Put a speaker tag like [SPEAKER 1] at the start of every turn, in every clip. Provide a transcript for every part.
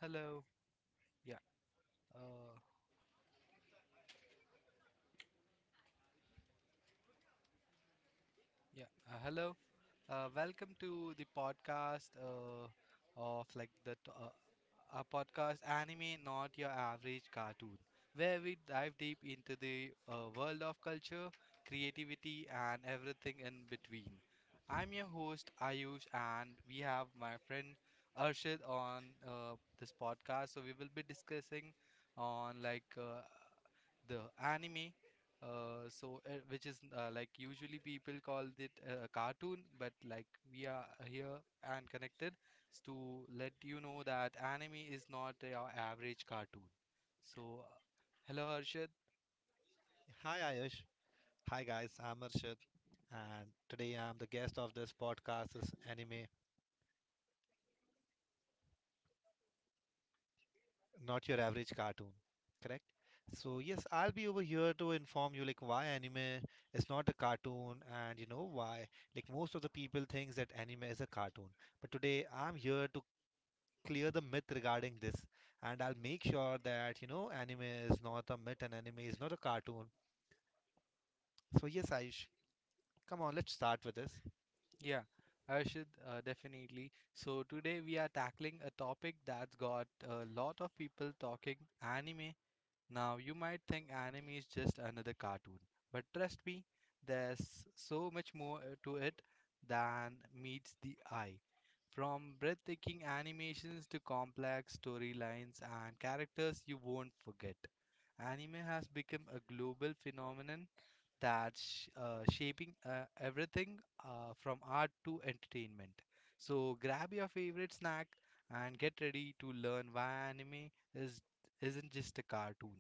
[SPEAKER 1] Hello. Yeah. Uh, yeah. Hello. Welcome to the podcast of like a podcast anime, not your average cartoon, where we dive deep into the world of culture, creativity, and everything in between. I'm your host Ayush, and we have my friend Arshad on this podcast. So we will be discussing on like the anime. So which is like usually people call it a cartoon, but like we are here and connected to let you know that anime is not your average cartoon. So, hello Harshad.
[SPEAKER 2] Hi Ayush. Hi guys, I'm Arshad and today I'm the guest of this podcast is anime, not your average cartoon. Correct? So yes, I'll be over here to inform you like why anime is not a cartoon and why like most of the people thinks that anime is a cartoon. But today I'm here to clear the myth regarding this and I'll make sure that anime is not a myth and anime is not a cartoon. So yes, Ayush, come on, let's start with this.
[SPEAKER 1] Yeah, Harshad, definitely. So today we are tackling a topic that's got a lot of people talking, anime. Now, you might think anime is just another cartoon, but trust me, there's so much more to it than meets the eye. From breathtaking animations to complex storylines and characters you won't forget, anime has become a global phenomenon that's shaping everything from art to entertainment. So, grab your favorite snack and get ready to learn why anime isn't just a cartoon.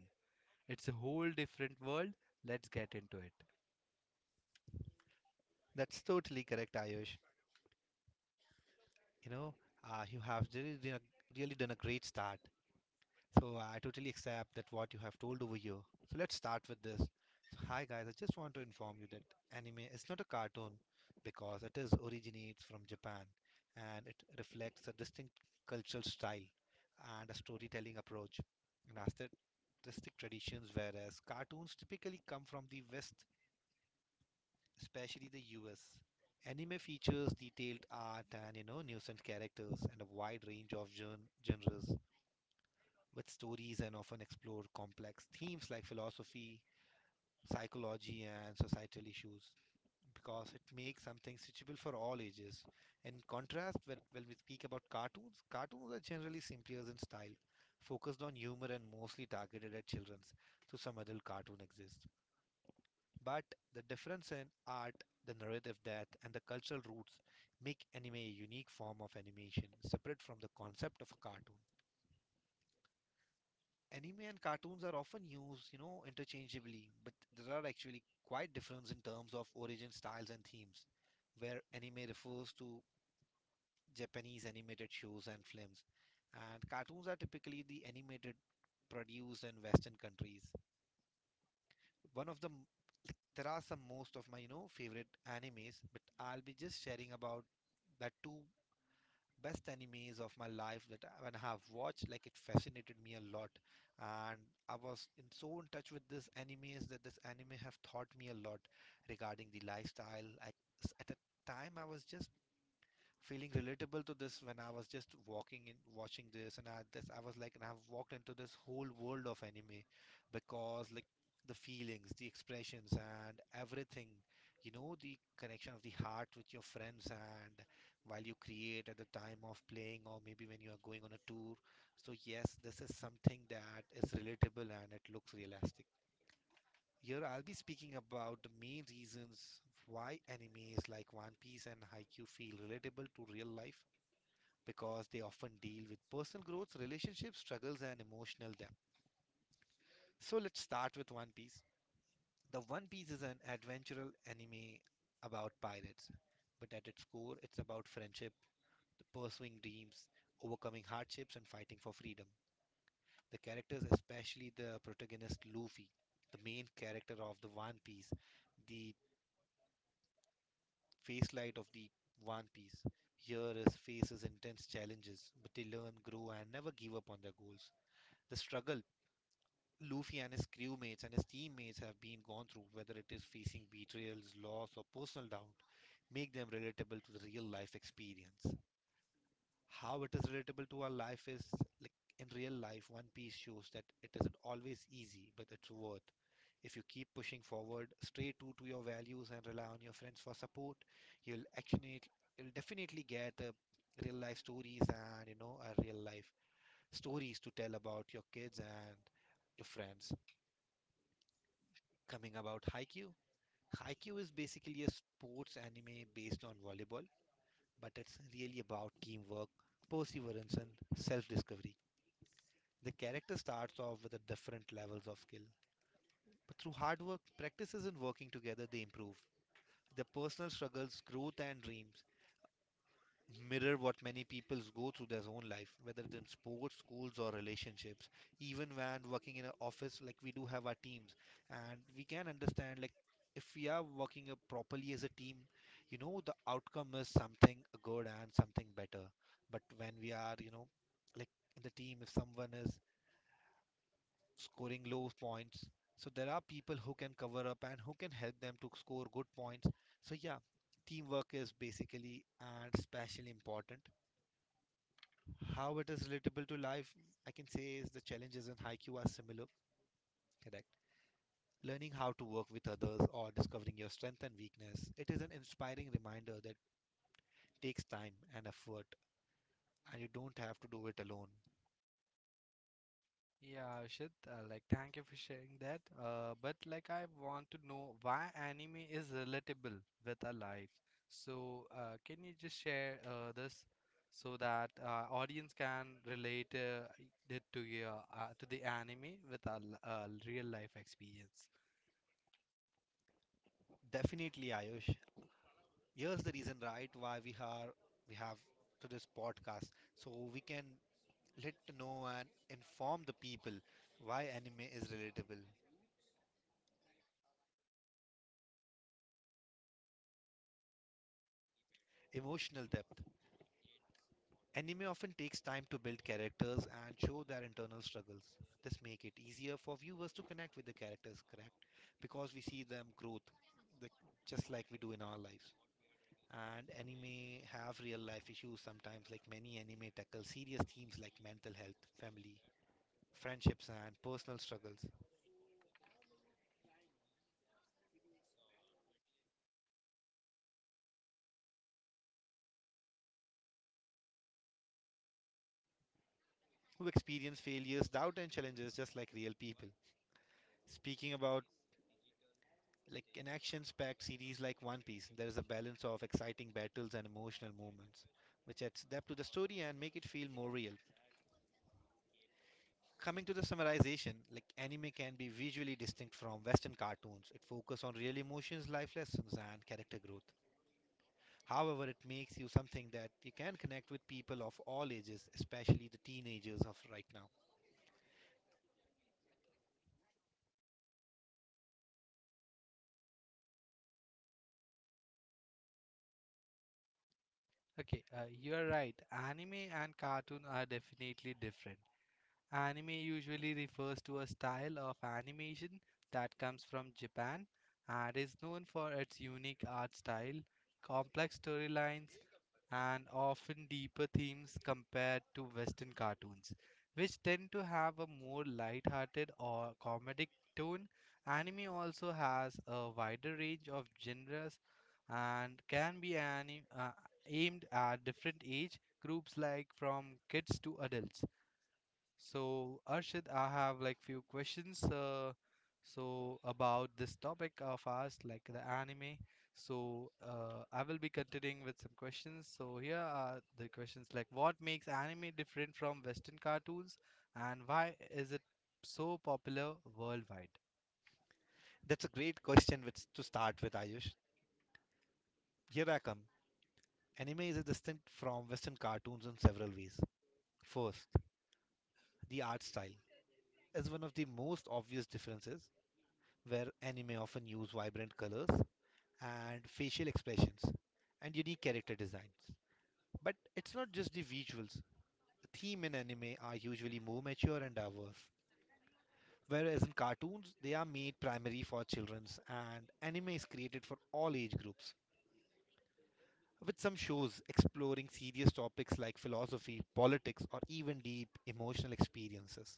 [SPEAKER 1] It's a whole different world. Let's get into it.
[SPEAKER 2] That's totally correct, Ayush. You know, you have really done a great start. So I totally accept that what you have told over here. So let's start with this. So hi guys, I just want to inform you that anime is not a cartoon because it is originates from Japan and it reflects a distinct cultural style and a storytelling approach and artistic traditions, whereas cartoons typically come from the West, especially the US. Anime features detailed art and nuisance characters and a wide range of genres with stories and often explore complex themes like philosophy, psychology and societal issues because it makes something suitable for all ages. In contrast, when we speak about cartoons, cartoons are generally simpler in style, focused on humor and mostly targeted at children, so some adult cartoon exists. But the difference in art, the narrative depth, and the cultural roots make anime a unique form of animation, separate from the concept of a cartoon. Anime and cartoons are often used interchangeably, but there are actually quite difference in terms of origin styles and themes, where anime refers to Japanese animated shows and films, and cartoons are typically the animated produced in Western countries. One of the There are some most of my favorite animes, but I'll be just sharing about the two best animes of my life that when I have watched, like it fascinated me a lot, and I was in so in touch with this animes that this anime have taught me a lot regarding the lifestyle. I s At a time I was just feeling relatable to this when I was just walking in watching this, I was like, and I've walked into this whole world of anime because like the feelings, the expressions and everything, the connection of the heart with your friends and while you create at the time of playing or maybe when you are going on a tour. So yes, this is something that is relatable and it looks realistic. Here I'll be speaking about the main reasons why animes like One Piece and Haikyuu feel relatable to real life because they often deal with personal growth, relationship struggles, and emotional depth. So let's start with One Piece. The One Piece is an adventural anime about pirates, but at its core, it's about friendship, the pursuing dreams, overcoming hardships, and fighting for freedom. The characters, especially the protagonist Luffy, the main character of the One Piece, the face light of the One Piece, here is faces intense challenges, but they learn, grow, and never give up on their goals. The struggle Luffy and his crewmates and his teammates have been gone through, whether it is facing betrayals, loss, or personal doubt, make them relatable to the real life experience. How it is relatable to our life is like in real life, One Piece shows that it isn't always easy, but it's worth. If you keep pushing forward, stay true to your values and rely on your friends for support, you'll actually you'll definitely get real life stories and real life stories to tell about your kids and your friends. Coming about Haikyuu. Haikyuu is basically a sports anime based on volleyball, but it's really about teamwork, perseverance, and self discovery. The character starts off with the different levels of skill, but through hard work, practices, and working together, they improve. The personal struggles, growth, and dreams mirror what many people go through their own life, whether it's in sports, schools, or relationships. Even when working in an office, like we do have our teams, and we can understand like if we are working properly as a team, the outcome is something good and something better. But when we are, like in the team, if someone is scoring low points, so there are people who can cover up and who can help them to score good points. So yeah, teamwork is basically and especially important. How it is relatable to life, I can say, is the challenges in Haikyuu are similar, correct? Learning how to work with others or discovering your strength and weakness. It is an inspiring reminder that takes time and effort, and you don't have to do it alone.
[SPEAKER 1] Yeah, Ashit, like thank you for sharing that. But like I want to know why anime is relatable with our life. So,
[SPEAKER 2] Definitely, Ayush. Here's the reason, right, why we have to this podcast, so we can let know and inform the people why anime is relatable. Emotional depth. Anime often takes time to build characters and show their internal struggles. This make it easier for viewers to connect with the characters, correct? Because we see them growth, the, just like we do in our lives. And anime have real life issues sometimes, like many anime tackle serious themes like mental health, family, friendships, and personal struggles. Who experience failures, doubt, and challenges just
[SPEAKER 1] can
[SPEAKER 2] like
[SPEAKER 1] you just
[SPEAKER 2] real
[SPEAKER 1] share
[SPEAKER 2] people.
[SPEAKER 1] this so that audience can relate it to
[SPEAKER 2] Speaking
[SPEAKER 1] your
[SPEAKER 2] about
[SPEAKER 1] to the anime with our real life experience?
[SPEAKER 2] Like in action-packed series like One Piece, there is a balance of exciting battles and emotional moments, which adds depth to the story and make it feel more real. Coming to the summarization, like anime can be visually distinct from Western cartoons. It focuses on real emotions, life lessons, and character growth. However, it makes you something that you can connect with people of all ages, especially the teenagers of right now.
[SPEAKER 1] Okay, you're right. Anime and cartoon are definitely different. Anime usually refers to a style of animation that comes from Japan and is known for its unique art style, complex storylines, and often deeper themes compared to Western cartoons, which tend to have a more light-hearted or comedic tone. Anime also has a wider range of genres and can be aimed at different age groups like from kids to adults. So, Arshad, I have like few questions. So about this topic of ours, like the anime. So, I will be continuing with some questions. So here are the questions like what makes anime different from Western cartoons, and why is it so popular worldwide?
[SPEAKER 2] That's a great question with, to start with, Ayush. Here I come. Anime is distinct from Western cartoons in several ways. First, the art style is one of the most obvious differences, where anime often use vibrant colors and facial expressions and unique character designs. But it's not just the visuals. The theme in anime are usually more mature and diverse, whereas in cartoons they are made primarily for children's and anime is created for all age groups, with some shows exploring serious topics like philosophy, politics, or even deep emotional experiences.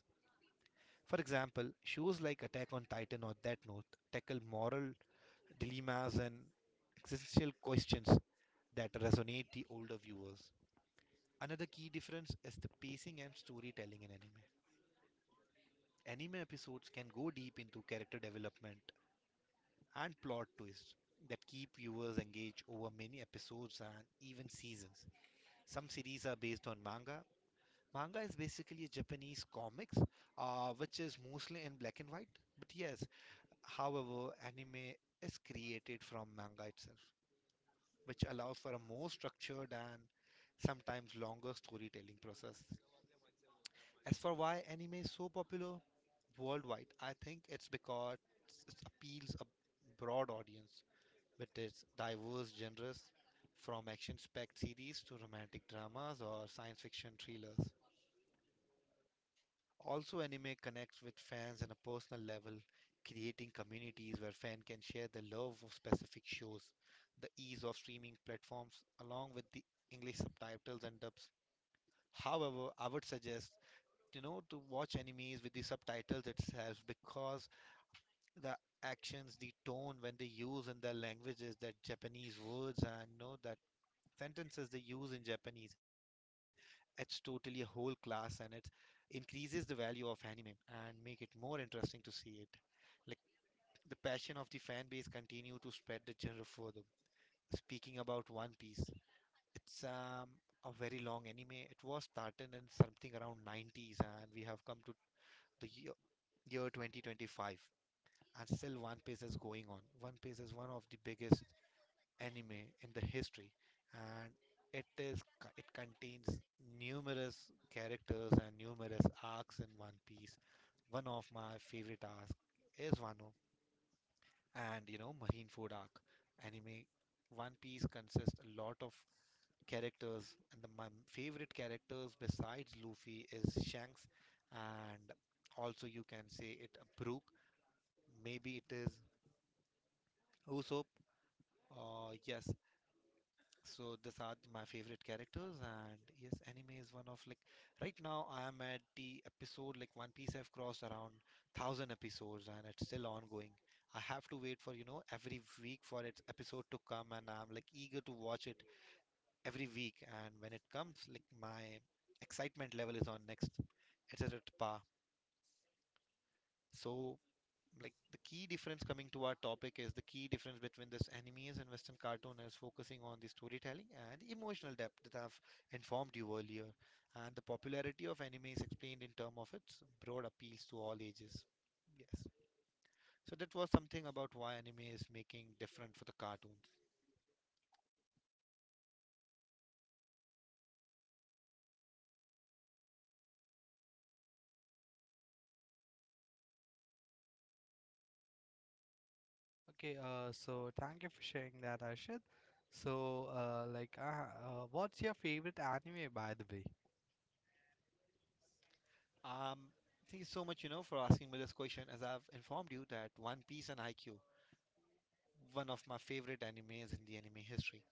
[SPEAKER 2] For example, shows like Attack on Titan or Death Note tackle moral dilemmas and existential questions that resonate the older viewers. Another key difference is the pacing and storytelling in anime. Anime episodes can go deep into character development and plot twists that keep viewers engaged over many episodes and even seasons. Some series are based on manga. Manga is basically a Japanese comics, which is mostly in black and white. But yes, however, anime is created from manga itself, which allows for a more structured and sometimes longer storytelling process. As for why anime is so popular worldwide, I think it's because it appeals a broad audience with its diverse genres, from action-packed series to romantic dramas or science fiction thrillers. Also, anime connects with fans on a personal level, creating communities where fans can share the love of specific shows. The ease of streaming platforms, along with the English subtitles and dubs. However, I would suggest to watch animes with the subtitles itself because the actions, the tone when they use in their languages, that Japanese words and that sentences they use in Japanese. It's totally a whole class and it increases the value of anime and make it more interesting to see it. Like the passion of the fan base continue to spread the genre further. Speaking about One Piece, it's a very long anime. It was started in something around 90s and we have come to the year 2025 and still One Piece is going on. One Piece is one of the biggest anime in the history and it is co- it contains numerous characters and numerous arcs. In One Piece, one of my favorite arcs is Wano, and Marineford arc. Anime One Piece consists a lot of characters, and the, my favorite characters besides Luffy is Shanks, and also you can say it Brook, maybe it is Usopp, yes. So these are my favorite characters, and yes, anime is one of, like, right now I am at the episode like One Piece. I've crossed around thousand episodes, and it's still ongoing. I have to wait for every week for its episode to come, and I'm like eager to watch it every week. And when it comes, like my excitement level is on next. It's at par. So, like, the key difference, coming to our topic, is the key difference between this animes and western cartoon is focusing on the storytelling and emotional depth that I've informed you earlier, and the popularity of anime is explained in terms of its broad appeals to all ages. Yes, so that was something about why anime is making different for the cartoons.
[SPEAKER 1] Okay, so thank you for sharing that, Arshad. So, what's your favorite anime, by the way?
[SPEAKER 2] um Thank you so much for asking me this question. As I've informed you that One Piece and IQ one of my favorite animes in the anime history.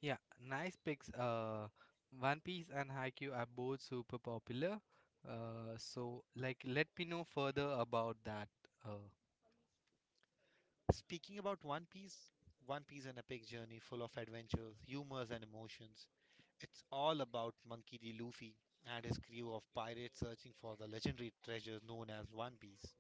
[SPEAKER 1] Yeah, nice picks. One Piece and Haikyuu are both super popular. So like, let me know further about that. Uh,
[SPEAKER 2] Speaking about One Piece, One Piece is an epic journey full of adventures, humors, and emotions. It's all about Monkey D. Luffy and his crew of pirates searching for the legendary treasure known as One Piece.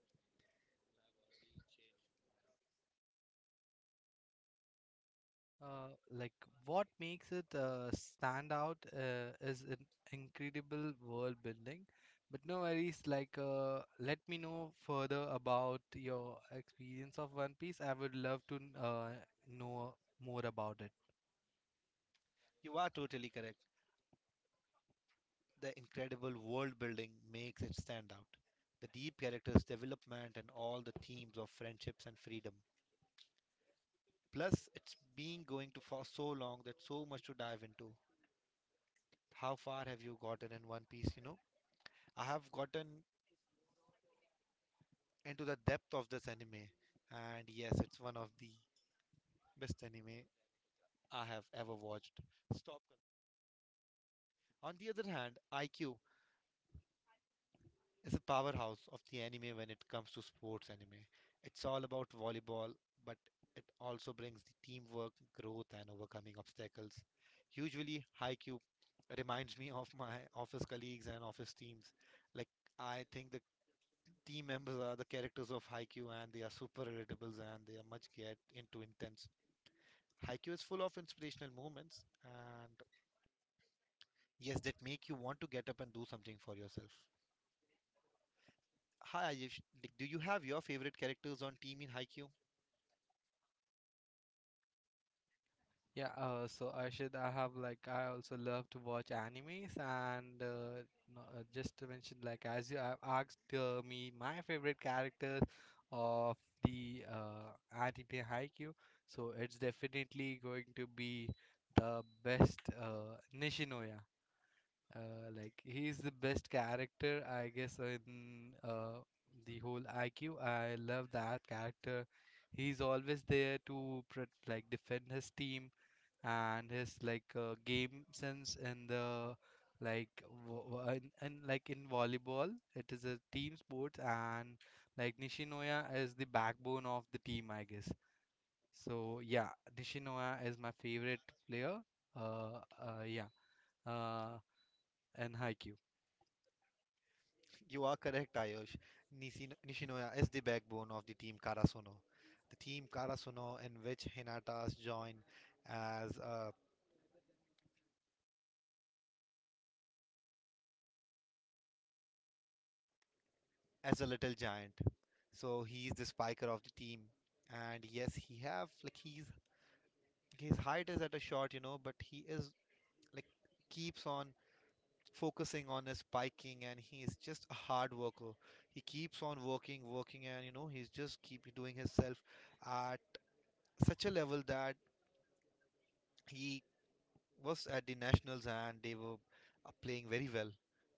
[SPEAKER 1] like what makes it stand out is an incredible world building. But no worries, like let me know further about your experience of One Piece. I would love to know more about it.
[SPEAKER 2] You are totally correct. The incredible world building makes it stand out. The deep characters' development and all the themes of friendships and freedom. Plus, it's been going to for so long that so much to dive into. How far have you gotten in One Piece? I have gotten into the depth of this anime. And yes, it's one of the best anime I have ever watched. Stop. On the other hand, IQ is a powerhouse of the anime when it comes to sports anime. It's all about volleyball, but it also brings the teamwork, growth, and overcoming obstacles. Usually, IQ reminds me of my office colleagues and office teams. Like, I think the team members are the characters of IQ, and they are super relatable and they are much get into intense. Haikyuu is full of inspirational moments, and yes, that make you want to get up and do something for yourself. Hi Ayush, like, do you have your favorite characters on team in Haikyuu?
[SPEAKER 1] Yeah, so Arshad, I have like I also love to watch animes, and no, just to mention, like as you have asked me, my favorite characters of the anime Haikyuu, so it's definitely going to be the best Nishinoya. Like he's the best character, I guess, in the whole IQ. I love that character. He's always there to like defend his team and his like game sense in the like wo- wo- in like in volleyball. It is a team sport and like Nishinoya is the backbone of the team I guess, so yeah, Nishinoya is my favorite player. uh, uh yeah uh and Haikyuu.
[SPEAKER 2] You are correct, Ayush. Nishinoya is the backbone of the team Karasuno. The team Karasuno in which Hinata's joined as a, as a little giant. So he is the spiker of the team. And yes, he have like he's his height is at a short, but he is like keeps on focusing on his biking, and he is just a hard worker. He keeps on working and he's just keep doing himself at such a level that he was at the nationals and they were playing very well.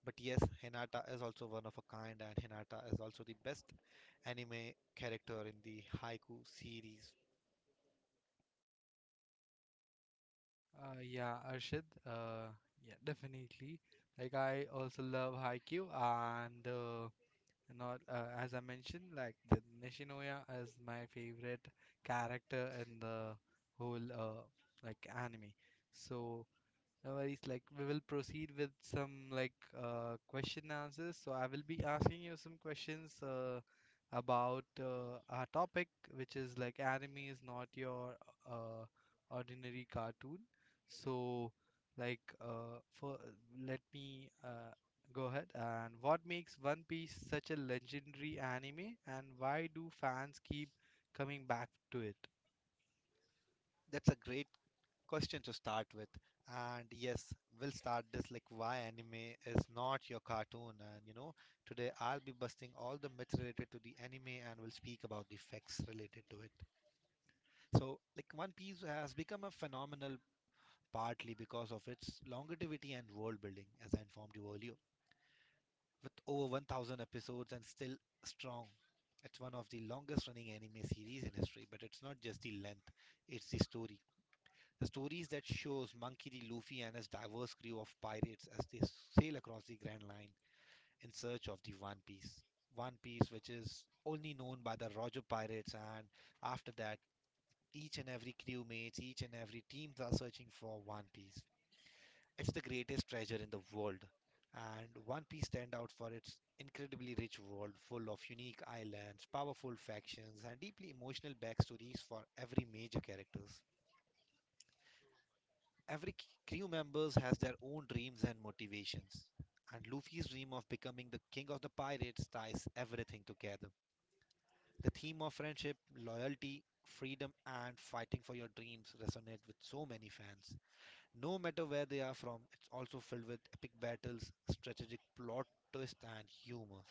[SPEAKER 2] But yes, Hinata is also one of a kind, and Hinata is also the best anime character in the Haiku series.
[SPEAKER 1] Yeah Arshad, yeah, definitely, like I also love Haikyuu and you know, as I mentioned, like the Nishinoya is my favorite character in the whole like anime. So no worries. Like we will proceed with some like question answers. So I will be asking you some questions about our topic, which is like anime is not your uh, ordinary cartoon. So like for let me go ahead and what makes One Piece such a legendary anime, and why do fans keep coming back to it?
[SPEAKER 2] That's a great question to start with. And yes, we'll start this like why anime is not your cartoon. And today I'll be busting all the myths related to the anime, and we'll speak about the facts related to it. So, like, One Piece has become a phenomenal partly because of its longevity and world building, as I informed you earlier. With over 1,000 episodes and still strong, it's one of the longest running anime series in history, but it's not just the length, it's the story. The stories that shows Monkey D. Luffy and his diverse crew of pirates as they sail across the Grand Line in search of the One Piece. One Piece, which is only known by the Roger Pirates, and after that, each and every crewmates, each and every team are searching for One Piece. It's the greatest treasure in the world, and One Piece stand out for its incredibly rich world, full of unique islands, powerful factions, and deeply emotional backstories for every major characters. Every crew members has their own dreams and motivations, and Luffy's dream of becoming the king of the pirates ties everything together. The theme of friendship, loyalty, freedom, and fighting for your dreams resonate with so many fans. No matter where they are from, it's also filled with epic battles, strategic plot twists, and humor.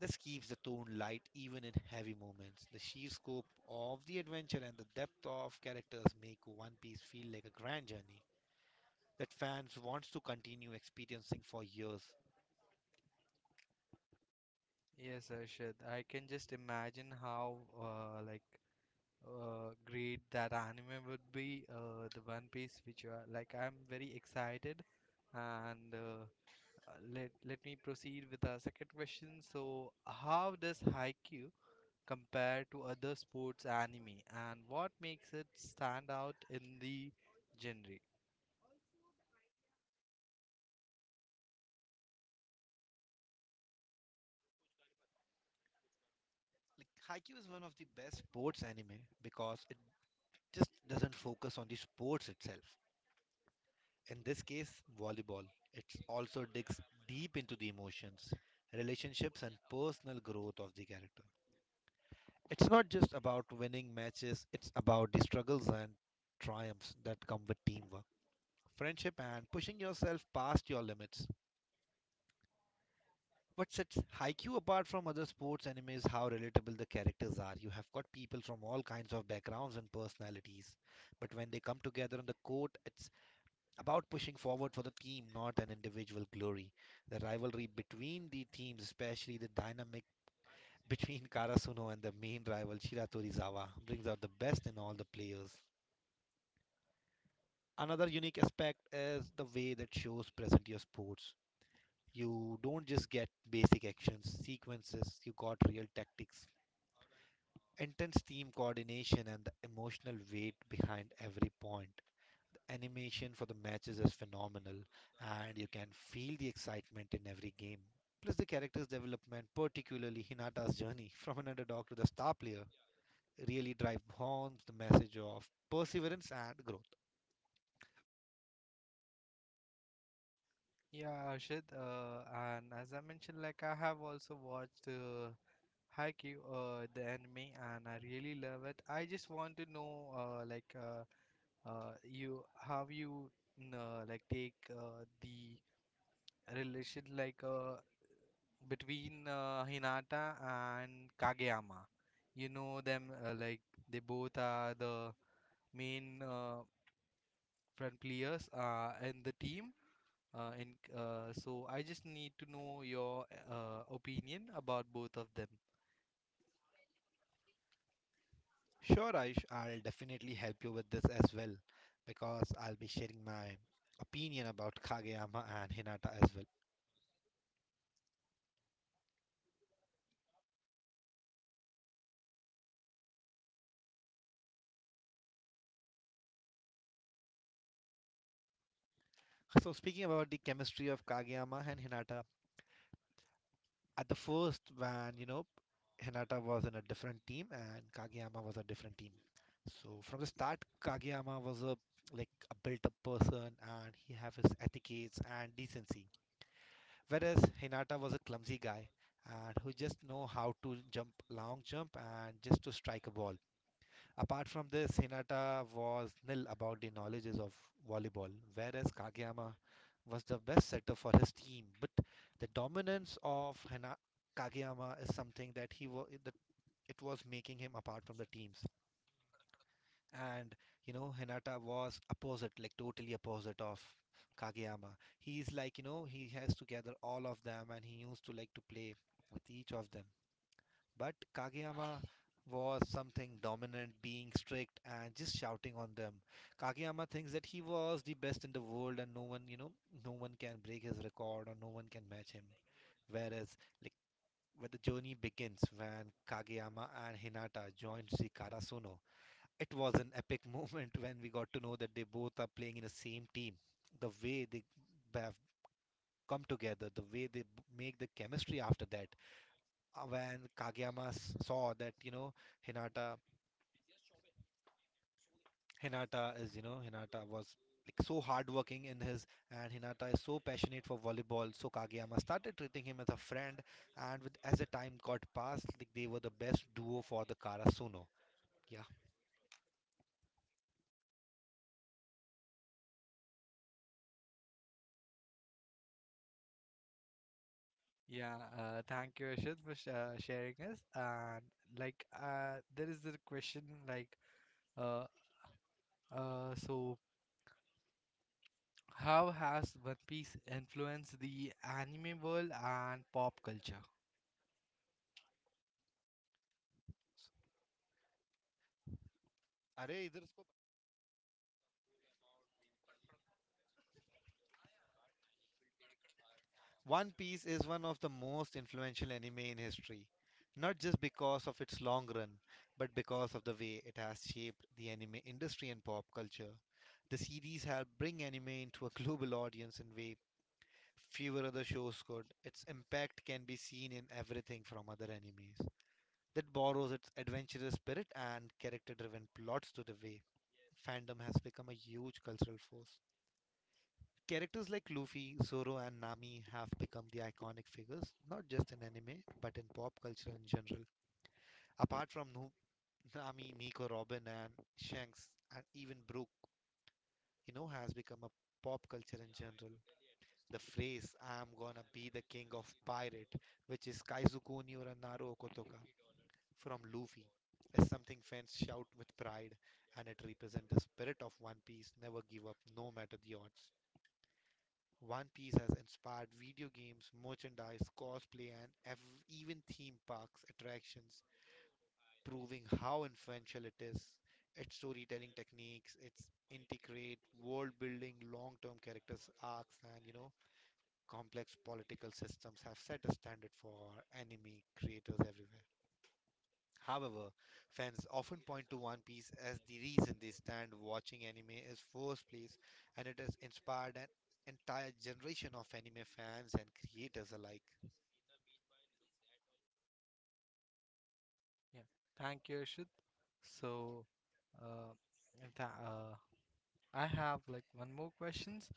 [SPEAKER 2] This keeps the tone light even in heavy moments. The sheer scope of the adventure and the depth of characters make One Piece feel like a grand journey that fans wants to continue experiencing for years.
[SPEAKER 1] Yes, Arshad. I can just imagine how like great that anime would be the One Piece, which like I'm very excited. And let let me proceed with our second question. So, how does Haikyuu compare to other sports anime, and what makes it stand out in the genre?
[SPEAKER 2] Like, Haikyuu is one of the best sports anime because it just doesn't focus on the sports itself. In this case, volleyball. It also digs deep into the emotions, relationships and personal growth of the character. It's not just about winning matches, it's about the struggles and triumphs that come with teamwork, friendship and pushing yourself past your limits. What sets Haikyuu apart from other sports anime is how relatable the characters are. You have got people from all kinds of backgrounds and personalities, but when they come together on the court, it's about pushing forward for the team, not an individual glory. The rivalry between the teams, especially the dynamic between Karasuno and the main rival Shiratori Zawa, brings out the best in all the players. Another unique aspect is the way that shows present your sports. You don't just get basic actions, sequences, you got real tactics, intense team coordination and the emotional weight behind every point. The animation for the matches is phenomenal, and you can feel the excitement in every game. Plus, the character's development, particularly Hinata's journey from an underdog to the star player, really drive home the message of perseverance and growth.
[SPEAKER 1] Yeah, Arshad, and as I mentioned, like I have also watched Haikyuu, the anime, and I really love it. I just want to know, you how you like take the relation like between Hinata and Kageyama. You know them like they both are the main front players in the team. And so I just need to know your opinion about both of them.
[SPEAKER 2] Sure, Aish, I'll definitely help you with this as well, because I'll be sharing my opinion about Kageyama and Hinata as well. So, speaking about the chemistry of Kageyama and Hinata, at the first when Hinata was in a different team and Kageyama was a different team. So from the start, Kageyama was a like a built-up person, and he have his etiquettes and decency, whereas Hinata was a clumsy guy and who just know how to jump long jump and just to strike a ball. Apart from this, Hinata was nil about the knowledges of volleyball, whereas Kageyama was the best setter for his team. But the dominance of Kageyama is something that he was it was making him apart from the teams. And Hinata was opposite, like totally opposite of Kageyama. He's like he has to gather all of them, and he used to like to play with each of them. But Kageyama was something dominant, being strict and just shouting on them. Kageyama thinks that he was the best in the world and no one, no one can break his record or no one can match him. Whereas, like, where the journey begins when Kageyama and Hinata joined the Karasuno, it was an epic moment when we got to know that they both are playing in the same team. The way they have come together, the way they make the chemistry after that, when Kageyama saw that Hinata Hinata is Hinata was like so hardworking in his, and Hinata is so passionate for volleyball, so Kageyama started treating him as a friend, and with as the time got past, like, they were the best duo for the Karasuno. Yeah.
[SPEAKER 1] Yeah, thank you, Ashit, for sh sharing us. And like, there is a question like, uh, so how has One Piece influenced the anime world and pop culture?
[SPEAKER 2] अरे इधर One Piece is one of the most influential anime in history, not just because of its long run, but because of the way it has shaped the anime industry and pop culture. The series helped bring anime into a global audience in way fewer other shows could. Its impact can be seen in everything from other animes that borrows its adventurous spirit and character-driven plots to the way fandom has become a huge cultural force. Characters like Luffy, Zoro, and Nami have become the iconic figures, not just in anime, but in pop culture in general. Apart from Nami, Nico, Robin, and Shanks, and even Brook, has become a pop culture in general. The phrase, I'm gonna be the king of pirate, which is Kaizuku Niura Naro Kotoka from Luffy, is something fans shout with pride, and it represents the spirit of One Piece, never give up, no matter the odds. One Piece has inspired video games, merchandise, cosplay, and even theme parks attractions, proving how influential it is. Its storytelling techniques, its integrate world building, long term characters arcs, and complex political systems have set a standard for anime creators everywhere. However, fans often point to One Piece as the reason they stand watching anime is first place, and it has inspired an entire generation of anime fans and creators alike.
[SPEAKER 1] Yeah, thank you, Ashit. So, uh, and tha- uh, I have like one more questions.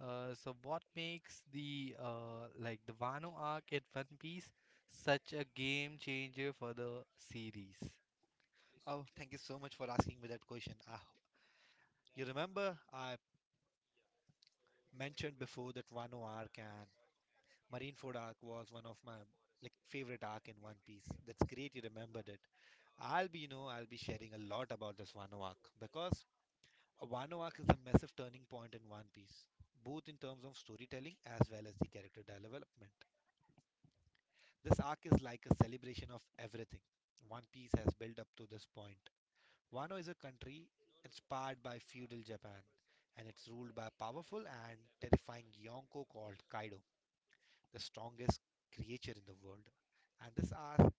[SPEAKER 1] So what makes the the Wano arc in One Piece such a game changer for the series?
[SPEAKER 2] Oh, thank you so much for asking me that question. Ah, you remember I mentioned before that Wano arc and Marineford arc was one of my like favorite arc in One Piece. That's great you remembered it. I'll be, I'll be sharing a lot about this Wano arc because Wano arc is a massive turning point in One Piece, both in terms of storytelling as well as the character development. This arc is like a celebration of everything One Piece has built up to this point. Wano is a country inspired by feudal Japan, and it's ruled by a powerful and terrifying Yonko called Kaido, the strongest creature in the world. And this arc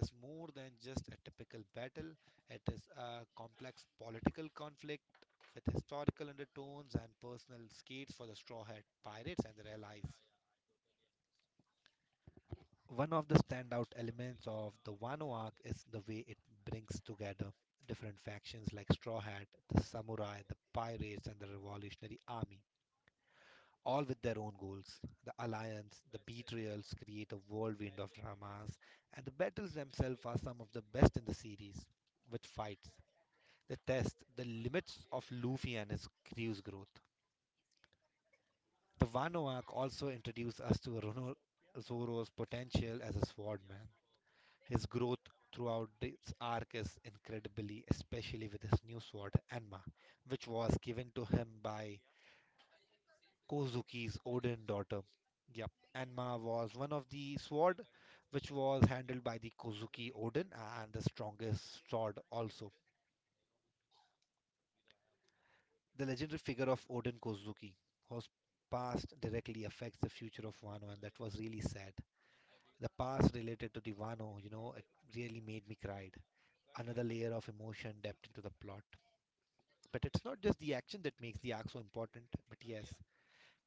[SPEAKER 2] is more than just a typical battle. It is a complex political conflict with historical undertones and personal skeets for the Straw Hat Pirates and their allies. One of the standout elements of the Wano arc is the way it brings together different factions like Straw Hat, the Samurai, the Pirates, and the Revolutionary Army, all with their own goals. The alliance, the betrayals create a whirlwind of dramas, and the battles themselves are some of the best in the series, with fights, they test the limits of Luffy and his crew's growth. The Wano arc also introduced us to Rono Zoro's potential as a swordman. His growth throughout this arc is incredibly, especially with his new sword, Enma, which was given to him by Kozuki's Odin daughter. Yep, Enma was one of the sword which was handled by the Kozuki Odin and the strongest sword also. The legendary figure of Odin Kozuki, whose past directly affects the future of Wano, and that was really sad. The past related to the Wano it really made me cry. Another layer of emotion depth into the plot. But it's not just the action that makes the arc so important, but yes,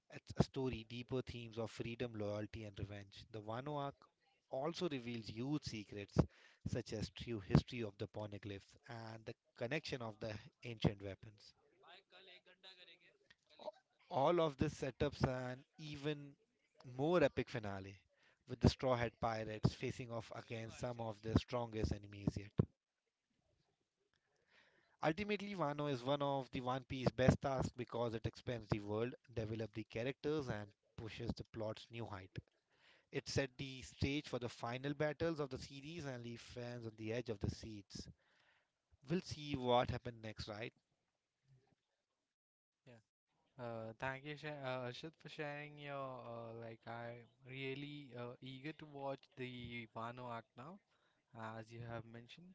[SPEAKER 2] it's a story, deeper themes of freedom, loyalty, and revenge. The Wano arc also reveals huge secrets, such as true history of the poneglyphs and the connection of the ancient weapons. All of this setups an even more epic finale, with the Straw Hat Pirates facing off against some of their strongest enemies yet. Ultimately, Wano is one of the One Piece best tasks because it expands the world, develops the characters, and pushes the plot's new height. It set the stage for the final battles of the series and leaves fans on the edge of their seats. We'll see what happens next, right?
[SPEAKER 1] Thank you, Sh Ashit, for sharing your like. I'm really eager to watch the Wano arc now, as you have mentioned.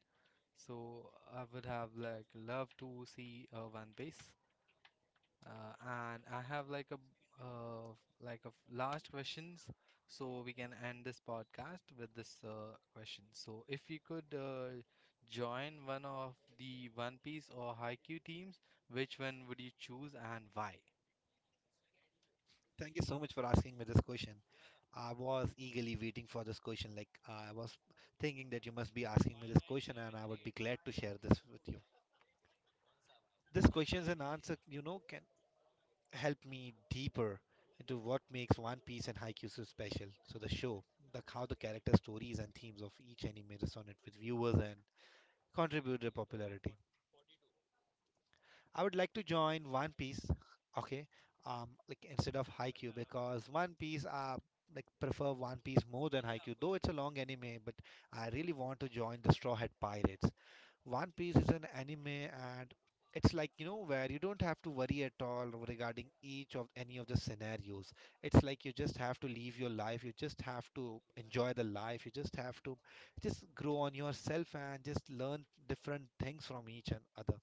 [SPEAKER 1] So I would have like loved to see One Piece, and I have uh, like a last questions, so we can end this podcast with this question. So if you could join one of the One Piece or Haikyuu teams, which one would you choose and why?
[SPEAKER 2] Thank you so much for asking me this question. I was eagerly waiting for this question. Like, I was thinking that you must be asking me this question, and I would be glad to share this with you. This questions and answer can help me deeper into what makes One Piece and Haikyuu so special. So the show, the how the character stories and themes of each anime resonate with viewers and contribute their popularity. I would like to join One Piece, okay, like instead of Haikyuu because One Piece, like prefer One Piece more than Haikyuu, though it's a long anime, but I really want to join the Straw Hat Pirates. One Piece is an anime and it's like where you don't have to worry at all regarding each of any of the scenarios. It's like you just have to live your life, you just have to enjoy the life, you just have to just grow on yourself and just learn different things from each and other.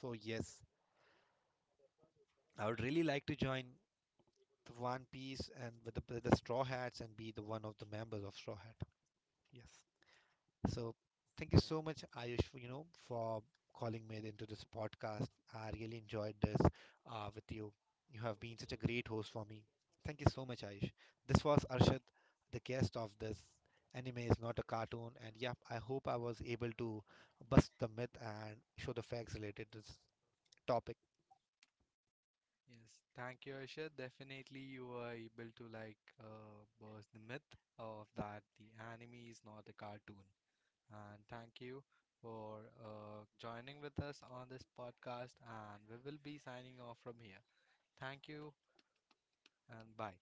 [SPEAKER 2] So yes, I would really like to join the One Piece and with the Straw Hats and be the one of the members of Straw Hat. Yes. So thank you
[SPEAKER 1] Yeah.
[SPEAKER 2] so much, Ayush, for calling me into this podcast. I really enjoyed this with you. You have been such a great host for me. Thank you so much, Ayush. This was Arshad, the guest of this anime is not a cartoon. And yeah, I hope I was able to bust the myth and show the facts related to this topic.
[SPEAKER 1] Yes, thank you, Asha. Definitely, you were able to like burst the myth of that the anime is not a cartoon. And thank you for joining with us on this podcast. And we will be signing off from here. Thank you and bye.